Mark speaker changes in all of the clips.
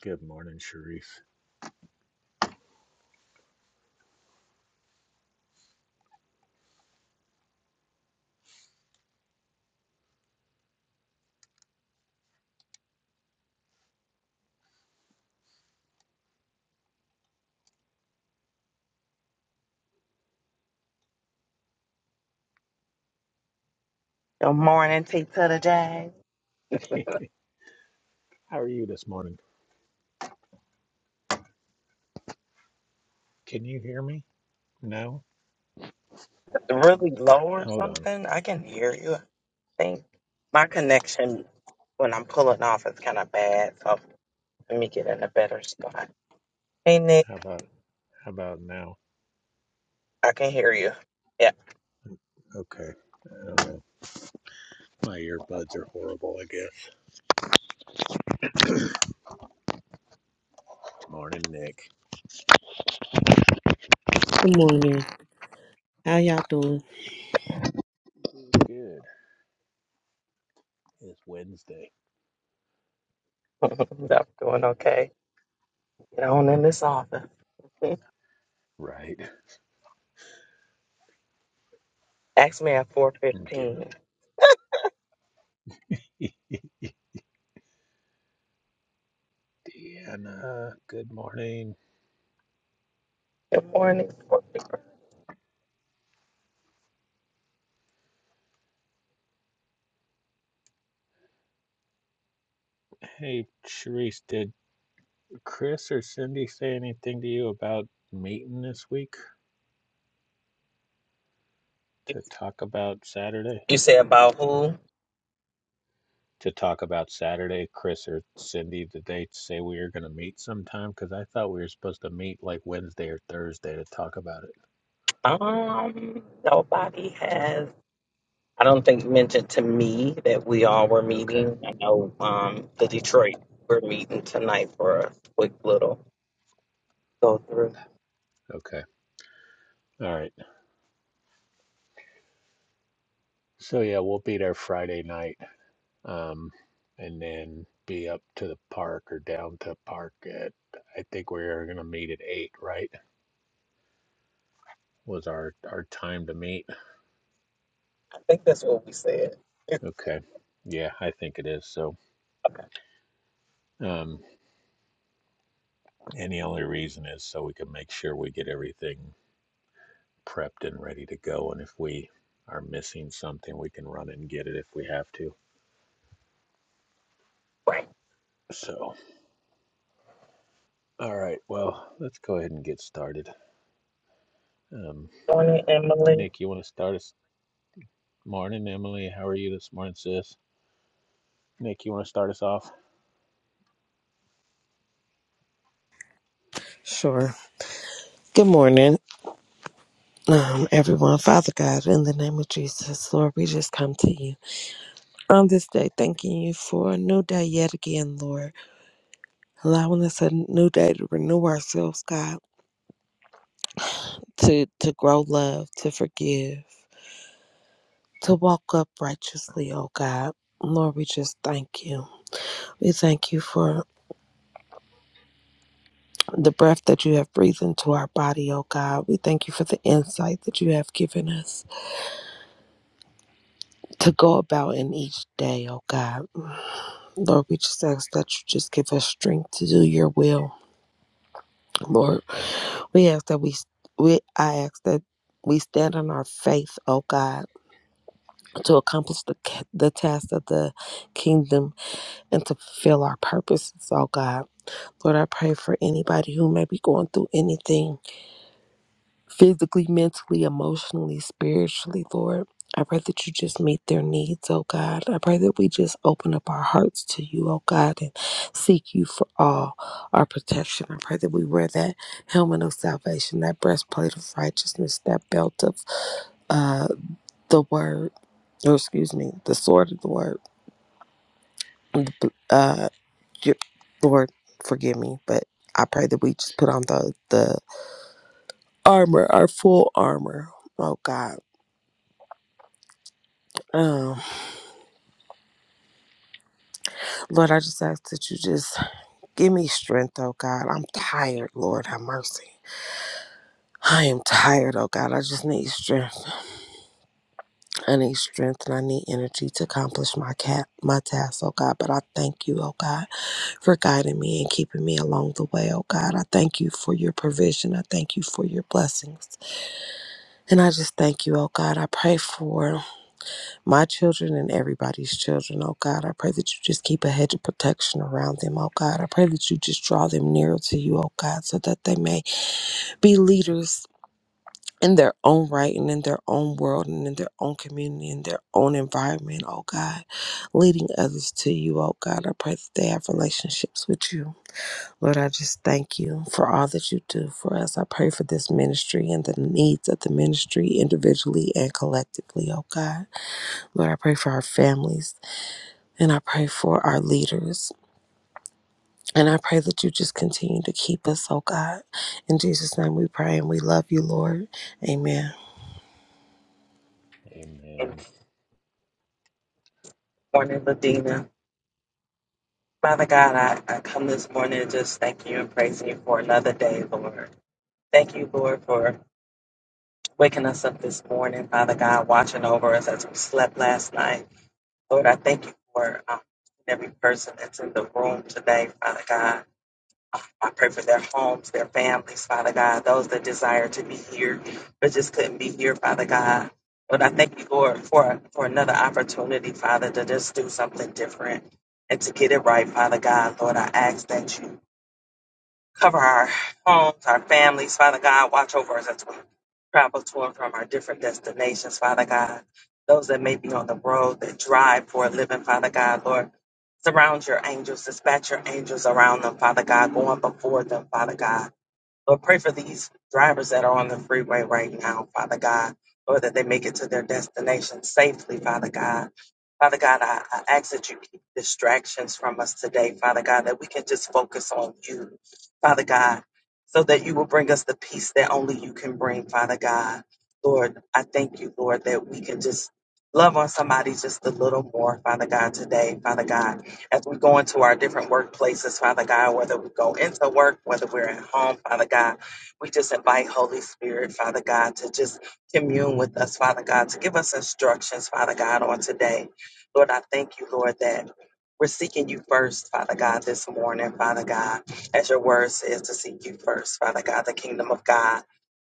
Speaker 1: Good morning, Sharif.
Speaker 2: Good morning, Take to the Jazz.
Speaker 1: How are you this morning? Can you hear me? No?
Speaker 2: Really low or
Speaker 1: Hold on.
Speaker 2: something? I can hear you, I think. My connection when I'm pulling off is kind of bad, so let me get in a better spot. Hey, Nick,
Speaker 1: How about how about now?
Speaker 2: I can hear you. Yeah,
Speaker 1: Okay. I don't know. My earbuds are horrible, I guess. Morning, Nick.
Speaker 3: Good morning. How y'all doing?
Speaker 1: Good. It's Wednesday.
Speaker 2: I'm doing okay. Get on in this office.
Speaker 1: Right.
Speaker 2: Ask me at
Speaker 1: I'm giving them.
Speaker 2: 4.15.
Speaker 1: Deanna, good morning.
Speaker 2: Good morning, 4:15.
Speaker 1: Hey, Sharice, did Chris or Cindy say anything to you about meeting this week
Speaker 2: You
Speaker 1: to talk about Saturday?
Speaker 2: you say about who?
Speaker 1: to talk about Saturday. Chris or Cindy, did they say we were going to meet sometime? Because I thought we were supposed to meet like Wednesday or Thursday to talk about it.
Speaker 2: Um, nobody has. I don't think mentioned to me that we all were
Speaker 1: Okay,
Speaker 2: meeting. I know um, the Detroit we're meeting tonight for a quick little go through.
Speaker 1: okay. All right. So, yeah, we'll be there Friday night um, and then be up to the park or down to park at, I think we are going to meet at 8, right? Was our, our time to meet.
Speaker 2: I think that's what we said.
Speaker 1: Okay. Yeah, I think it is. So, um, and the only reason is so we can make sure we get everything prepped and ready to go. And if we are missing something, we can run and get it if we have to.
Speaker 2: Right.
Speaker 1: So, all right, well, let's go ahead and get started. Um,
Speaker 2: Morning, Emily.
Speaker 1: Nick, you want to start us? Morning, Emily. How are you this morning, sis? Nick, you want to start us off?
Speaker 3: Sure. Good morning, um, everyone. Father God, in the name of Jesus, Lord, we just come to you on this day, thanking you for a new day yet again, Lord, allowing us a new day to renew ourselves, God, to to grow love, to forgive, to walk up righteously, oh God. Lord, we just thank you. We thank you for the breath that you have breathed into our body, oh God. We thank you for the insight that you have given us. to go about in each day, oh God. Mm. Lord, we just ask that you just give us strength to do your will. Lord, we ask that we, we I ask that we stand on our faith, oh God, to accomplish the, ca- the task of the kingdom and to fulfill our purposes, oh God. Lord, I pray for anybody who may be going through anything physically, mentally, emotionally, spiritually, Lord. I pray that you just meet their needs, oh God. I pray that we just open up our hearts to you, oh God, and seek you for all our protection. I pray that we wear that helmet of salvation, that breastplate of righteousness, that belt of uh, the word, or excuse me, the sword of the word. And the bl- Uh, j- Lord, forgive me, but I pray that we just put on the, the armor, our full armor, oh God. um. Lord, I just ask that you just give me strength, oh God. I'm tired, Lord, have mercy. I am tired, oh God. I just need strength. I need strength and I need energy to accomplish my cat my task, oh God. But I thank you, oh God, for guiding me and keeping me along the way, oh God. I thank you for your provision. I thank you for your blessings. And I just thank you, oh God. I pray for my children and everybody's children, oh God. I pray that you just keep a hedge of protection around them, oh God. I pray that you just draw them nearer to you, oh God, so that they may be leaders in their own right and in their own world and in their own community and their own environment, oh God. Leading others to you, oh God. I pray that they have relationships with you. Lord, I just thank you for all that you do for us. I pray for this ministry and the needs of the ministry individually and collectively, oh God. Lord, I pray for our families. And I pray for our leaders. And I pray that you just continue to keep us, oh God. In Jesus' name we pray and we love you, Lord. Amen.
Speaker 2: And
Speaker 1: Amen.
Speaker 2: morning, Ladina. Father God, I, I come this morning to just thank you and praising you for another day, Lord. Thank you, Lord, for waking us up this morning, Father God, watching over us as we slept last night. Lord, I thank you for um, every person that's in the room today, Father God. I pray for their homes, their families, Father God, those that desire to be here but just couldn't be here, Father God. But I thank you, Lord, for, for another opportunity, Father, to just do something different and to get it right, Father God. Lord, I ask that you Cover our homes, our families, Father God. Watch over us as we travel to and from our different destinations, Father God. Those that may be on the road that drive for a living, Father God, Lord. Surround your angels, dispatch your angels around them, Father God, going before them, Father God. Lord, pray for these drivers that are on the freeway right now, Father God. Lord, that they make it to their destination safely, Father God. Father God, I, I ask that you keep distractions from us today, Father God, that we can just focus on you, Father God, so that you will bring us the peace that only you can bring, Father God. Lord, I thank you, Lord, that we can just love on somebody just a little more, Father God, today, Father God as we go into our different workplaces, Father God, whether we go into work, whether we're at home, Father God, we just invite Holy Spirit, Father God, to just commune with us, Father God, to give us instructions, Father God, on today. Lord, I thank you, Lord, that we're seeking you first, Father God, this morning, Father God, as your word says to seek you first, Father God, the kingdom of God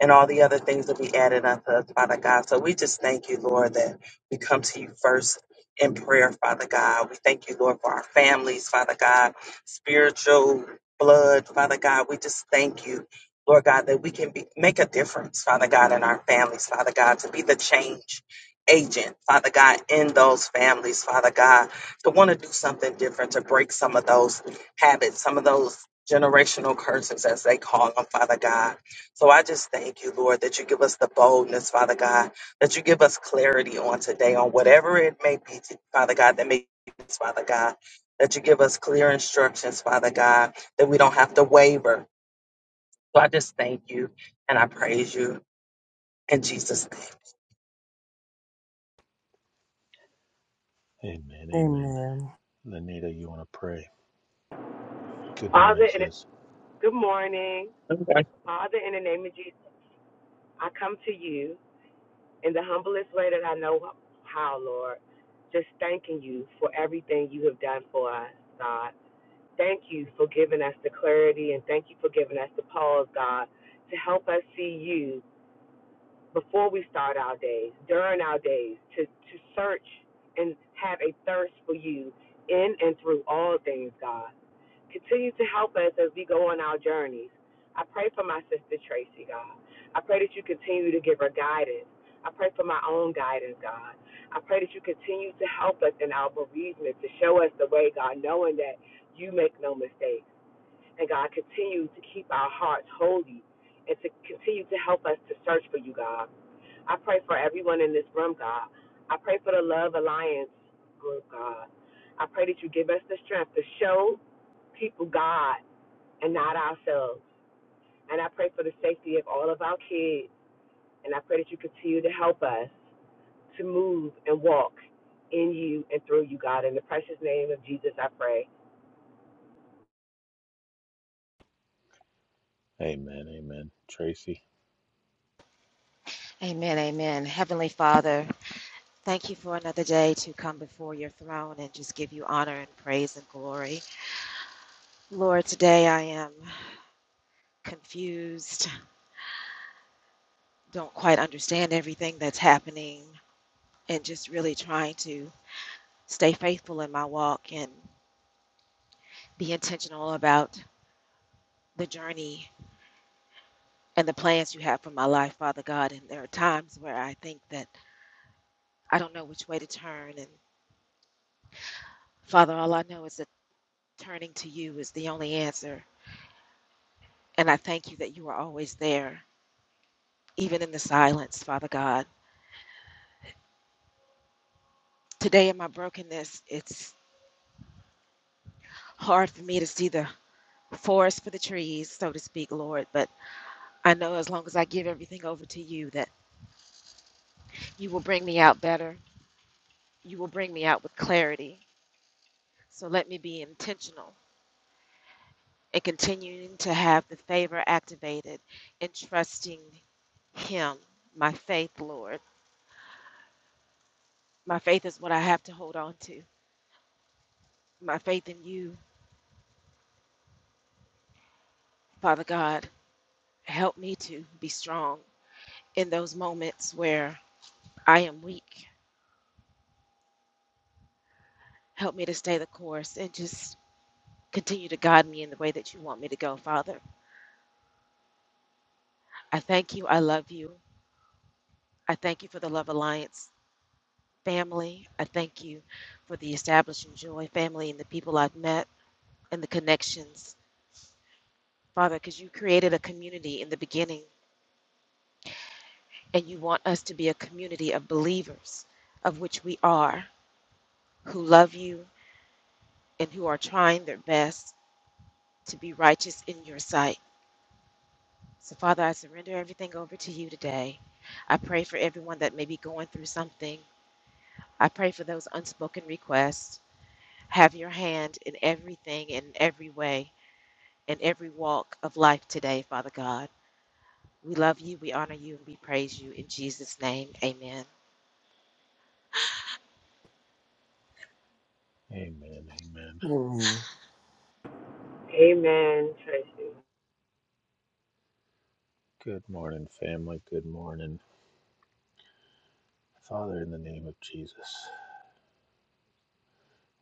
Speaker 2: and all the other things that be added unto us, Father God. So we just thank you, Lord, that we come to you first in prayer, Father God. We thank you, Lord, for our families, Father God, spiritual blood, Father God. We just thank you. Lord God, that we can be, make a difference, Father God, in our families, Father God, to be the change agent, Father God, in those families, Father God, to want to do something different, to break some of those habits, some of those generational curses, as they call them, Father God. So I just thank you, Lord, that you give us the boldness, Father God, that you give us clarity on today, on whatever it may be, t- Father God, that may us, Father God, that you give us clear instructions, Father God, that we don't have to waver. So I just thank you and I praise you in Jesus' name.
Speaker 1: Amen. Amen.
Speaker 3: Amen.
Speaker 1: Lenita, you want to pray? Good morning,
Speaker 4: Father, in
Speaker 1: sis.
Speaker 4: good morning.
Speaker 2: Okay.
Speaker 4: Father, in the name of Jesus, I come to you in the humblest way that I know how, Lord. Just thanking you for everything you have done for us, God. Thank you for giving us the clarity and thank you for giving us the pause, God, to help us see you before we start our days, during our days, to, to search and have a thirst for you in and through all things, God. Continue to help us as we go on our journeys. I pray for my sister Tracy, God. I pray that you continue to give her guidance. I pray for my own guidance, God. I pray that you continue to help us in our bereavement, to show us the way, God, knowing that you make no mistakes. And God, continue to keep our hearts holy and to continue to help us to search for you, God. I pray for everyone in this room, God. I pray for the Love Alliance group, God. I pray that you give us the strength to show people God and not ourselves. And I pray for the safety of all of our kids. And I pray that you continue to help us to move and walk in you and through you, God. In the precious name of Jesus, I pray.
Speaker 1: Amen. Amen. Tracy.
Speaker 5: Amen, amen. Heavenly Father, thank you for another day to come before your throne and just give you honor and praise and glory. Lord, today I am confused, don't quite understand everything that's happening, and just really trying to stay faithful in my walk and be intentional about the journey and the plans you have for my life, Father God. And there are times where I think that I don't know which way to turn. And Father, all I know is that turning to you is the only answer And I thank you that you are always there, even in the silence, Father God. Today, in my brokenness, it's hard for me to see the forest for the trees, so to speak, Lord. But I know as long as I give everything over to you, that you will bring me out better. You will bring me out with clarity. So let me be intentional and continuing to have the favor activated in trusting Him, my faith, Lord. My faith is what I have to hold on to. My faith in you, Father God Help me to be strong in those moments where I am weak. Help me to stay the course and just continue to guide me in the way that you want me to go, Father. I thank you. I love you. I thank you for the Love Alliance family. I thank you for the Establishing Joy family and the people I've met and the connections, Father, because you created a community in the beginning and you want us to be a community of believers, of which we are, who love you and who are trying their best to be righteous in your sight. So, Father, I surrender everything over to you today. I pray for everyone that may be going through something. I pray for those unspoken requests. Have your hand in everything, in every way, in every walk of life today, Father God. We love you, we honor you, and we praise you. In Jesus' name, amen.
Speaker 1: Amen. Amen.
Speaker 3: Amen.
Speaker 4: Amen. Tracy.
Speaker 1: Good morning, family. Good morning. Father, in the name of Jesus.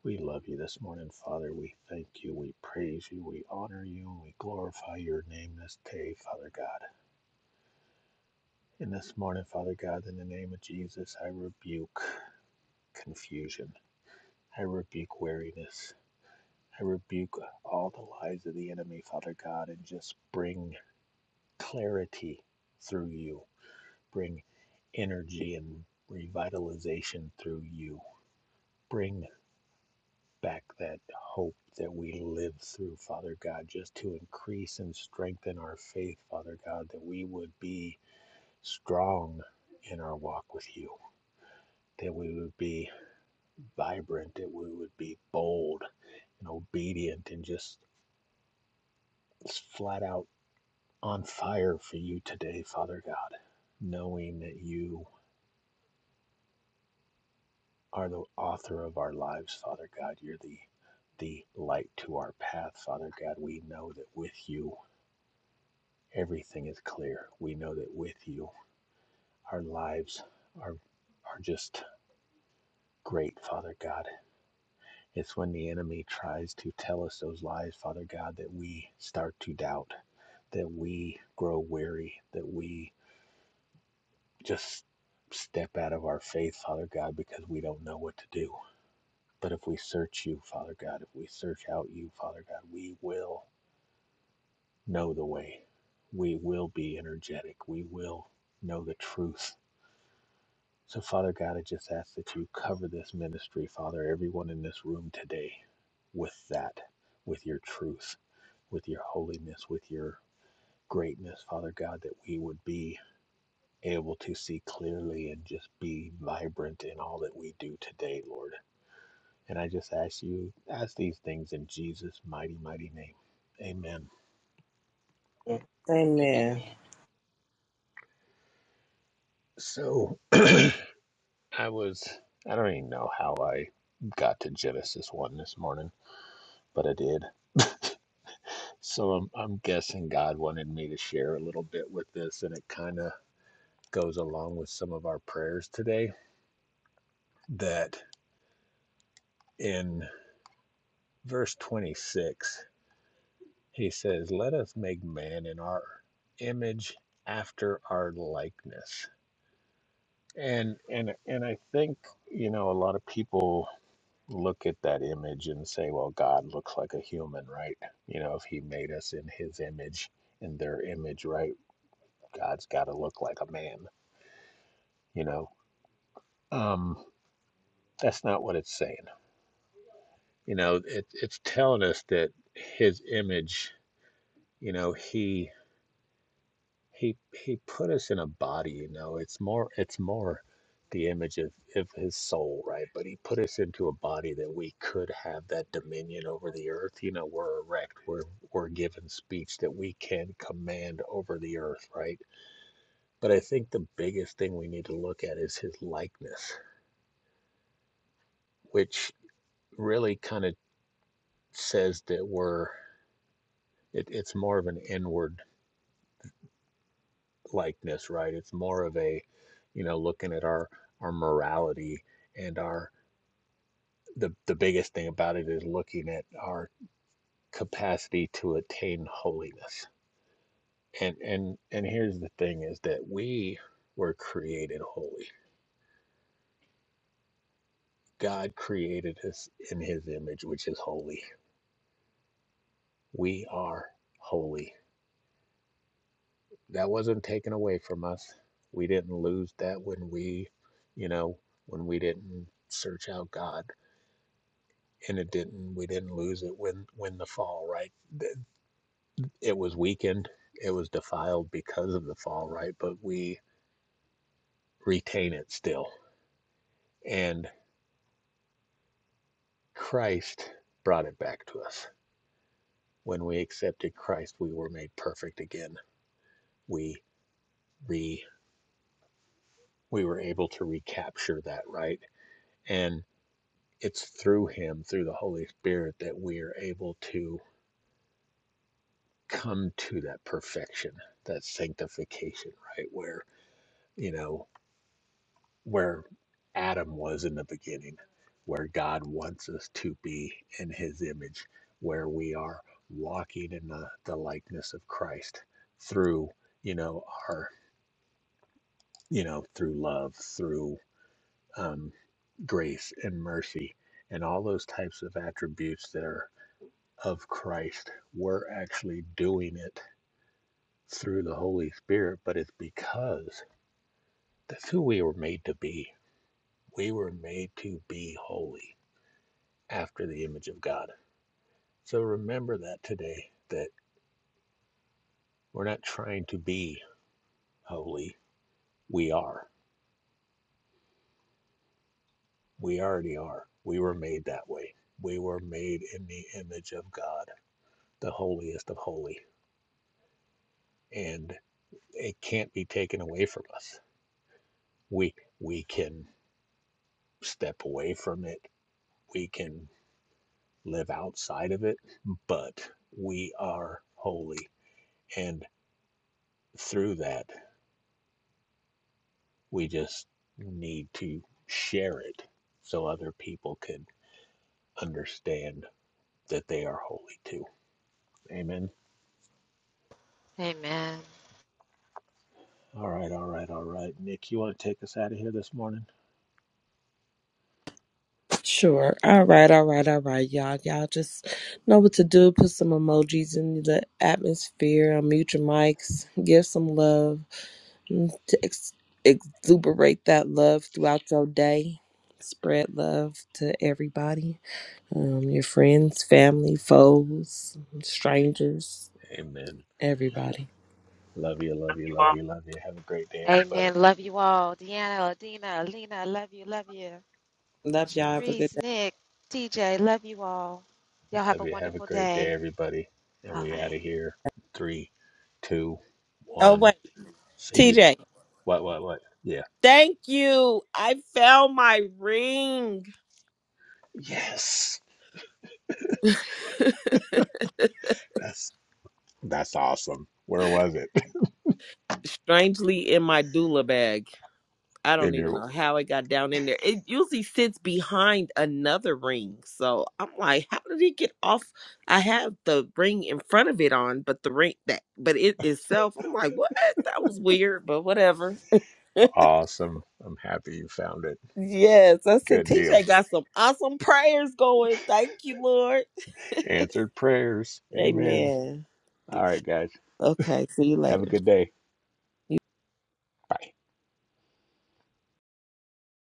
Speaker 1: We love you this morning, Father. We thank you. We praise you. We honor you. We glorify your name this day, Father God. And this morning, Father God, in the name of Jesus, I rebuke confusion. I rebuke weariness. I rebuke all the lies of the enemy, Father God, and just bring clarity through you. Bring energy and revitalization through you. Bring back that hope that we live through, Father God, just to increase and strengthen our faith, Father God, that we would be strong in our walk with you, that we would be vibrant, that we would be bold and obedient and just flat out on fire for you today, Father God, knowing that you are the author of our lives, Father God. You're the the light to our path, Father God. We know that with you Everything is clear. We know that with you, our lives are, are just great, Father God. It's when the enemy tries to tell us those lies, Father God, that we start to doubt, that we grow weary, that we just step out of our faith, Father God, because we don't know what to do. But if we search you, Father God, if we search out you, Father God, we will know the way. We will be energetic. We will know the truth So, Father God, I just ask that you cover this ministry, Father, everyone in this room today with that, with your truth, with your holiness, with your greatness, Father God, that we would be able to see clearly and just be vibrant in all that we do today, Lord. And I just ask you, ask these things in Jesus' mighty, mighty name. Amen.
Speaker 3: Amen.
Speaker 1: So, I was, I don't even know how I got to Genesis 1 this morning, but I did. So I'm I'm guessing God wanted me to share a little bit with this, and it kind of goes along with some of our prayers today. That in verse 26, he says, Let us make man in our image after our likeness. And and and I think, you know, a lot of people look at that image and say, Well, God looks like a human, right? You know, if he made us in his image, in their image, right? God's gotta look like a man, you know Um, that's not what it's saying. You know, it, it's telling us that his image, you know, he he he put us in a body, you know. It's more it's more the image of, of his soul, right? But he put us into a body that we could have that dominion over the earth. You know, we're erect, we're we're given speech that we can command over the earth, right? But I think the biggest thing we need to look at is his likeness, which really kind of says that we're it, it's more of an inward likeness right it's more of a you know looking at our our morality and our the, the biggest thing about it is looking at our capacity to attain holiness and and and here's the thing is that we were created holy god created us in his image which is holy we are holy that wasn't taken away from us we didn't lose that when we you know when we didn't search out god and it didn't we didn't lose it when when the fall right it was weakened it was defiled because of the fall right but we retain it still and christ brought it back to us when we accepted christ we were made perfect again we re we were able to recapture that right and it's through him through the holy spirit that we are able to come to that perfection that sanctification right where you know where Adam was in the beginning, where God wants us to be in his image, where we are walking in the, the likeness of Christ through, you know, our, you know, through love, through um, grace and mercy, and all those types of attributes that are of Christ. We're actually doing it through the Holy Spirit, but it's because that's who we were made to be. We were made to be holy after the image of God. So remember that today that we're not trying to be holy. We are. We already are. We were made that way. We were made in the image of God, the holiest of holy. And it can't be taken away from us. We we can step away from it. We can live outside of it, but we are holy. And through that We just need to share it so other people can understand that they are holy too. Amen.
Speaker 5: Amen.
Speaker 1: All right, all right, all right. Nick, you want to take us out of here this morning?
Speaker 3: Sure. All right, all right, all right, y'all. Y'all just know what to do. Put some emojis in the atmosphere. Unmute your mics. Give some love. mm, To ex- exuberate that love throughout your day. Spread love to everybody. um, your friends, family, foes, strangers,
Speaker 1: Amen.
Speaker 3: everybody.
Speaker 1: Love you, love you,
Speaker 2: You
Speaker 1: love
Speaker 2: all
Speaker 1: you, love you. Have a great day,
Speaker 5: Amen.
Speaker 1: everybody.
Speaker 5: Love you all. Deanna, Adina, Alina, love you, love you.
Speaker 3: Love y'all. Have a good
Speaker 5: Sharice,
Speaker 3: day.
Speaker 5: Nick, TJ, love you all. Y'all have
Speaker 1: Love
Speaker 5: a
Speaker 1: you. Have a
Speaker 5: wonderful
Speaker 1: great day,
Speaker 5: day.
Speaker 1: everybody. And
Speaker 5: All
Speaker 1: we
Speaker 5: right.
Speaker 1: out of here. Three, two,
Speaker 3: Oh,
Speaker 1: one.
Speaker 3: wait,
Speaker 1: See ya.
Speaker 3: TJ.
Speaker 1: What, what, what? Yeah.
Speaker 3: Thank you. I found my ring.
Speaker 1: Yes. That's that's awesome. Where was it?
Speaker 3: Strangely in my doula bag. I don't
Speaker 1: And
Speaker 3: even
Speaker 1: you're
Speaker 3: know how it got down in there. It usually sits behind another ring. So I'm like, how did it get off? I have the ring in front of it on, but the ring that but it itself, I'm like, what? That was weird, but whatever.
Speaker 1: awesome. I'm happy you found it.
Speaker 3: Yes, I said
Speaker 1: Good deal.
Speaker 3: TJ got some awesome prayers going. Thank you, Lord.
Speaker 1: Answered prayers. Amen.
Speaker 3: Amen.
Speaker 1: All right, guys.
Speaker 3: Okay, see you
Speaker 1: Have a
Speaker 3: later.
Speaker 1: good day. Bye.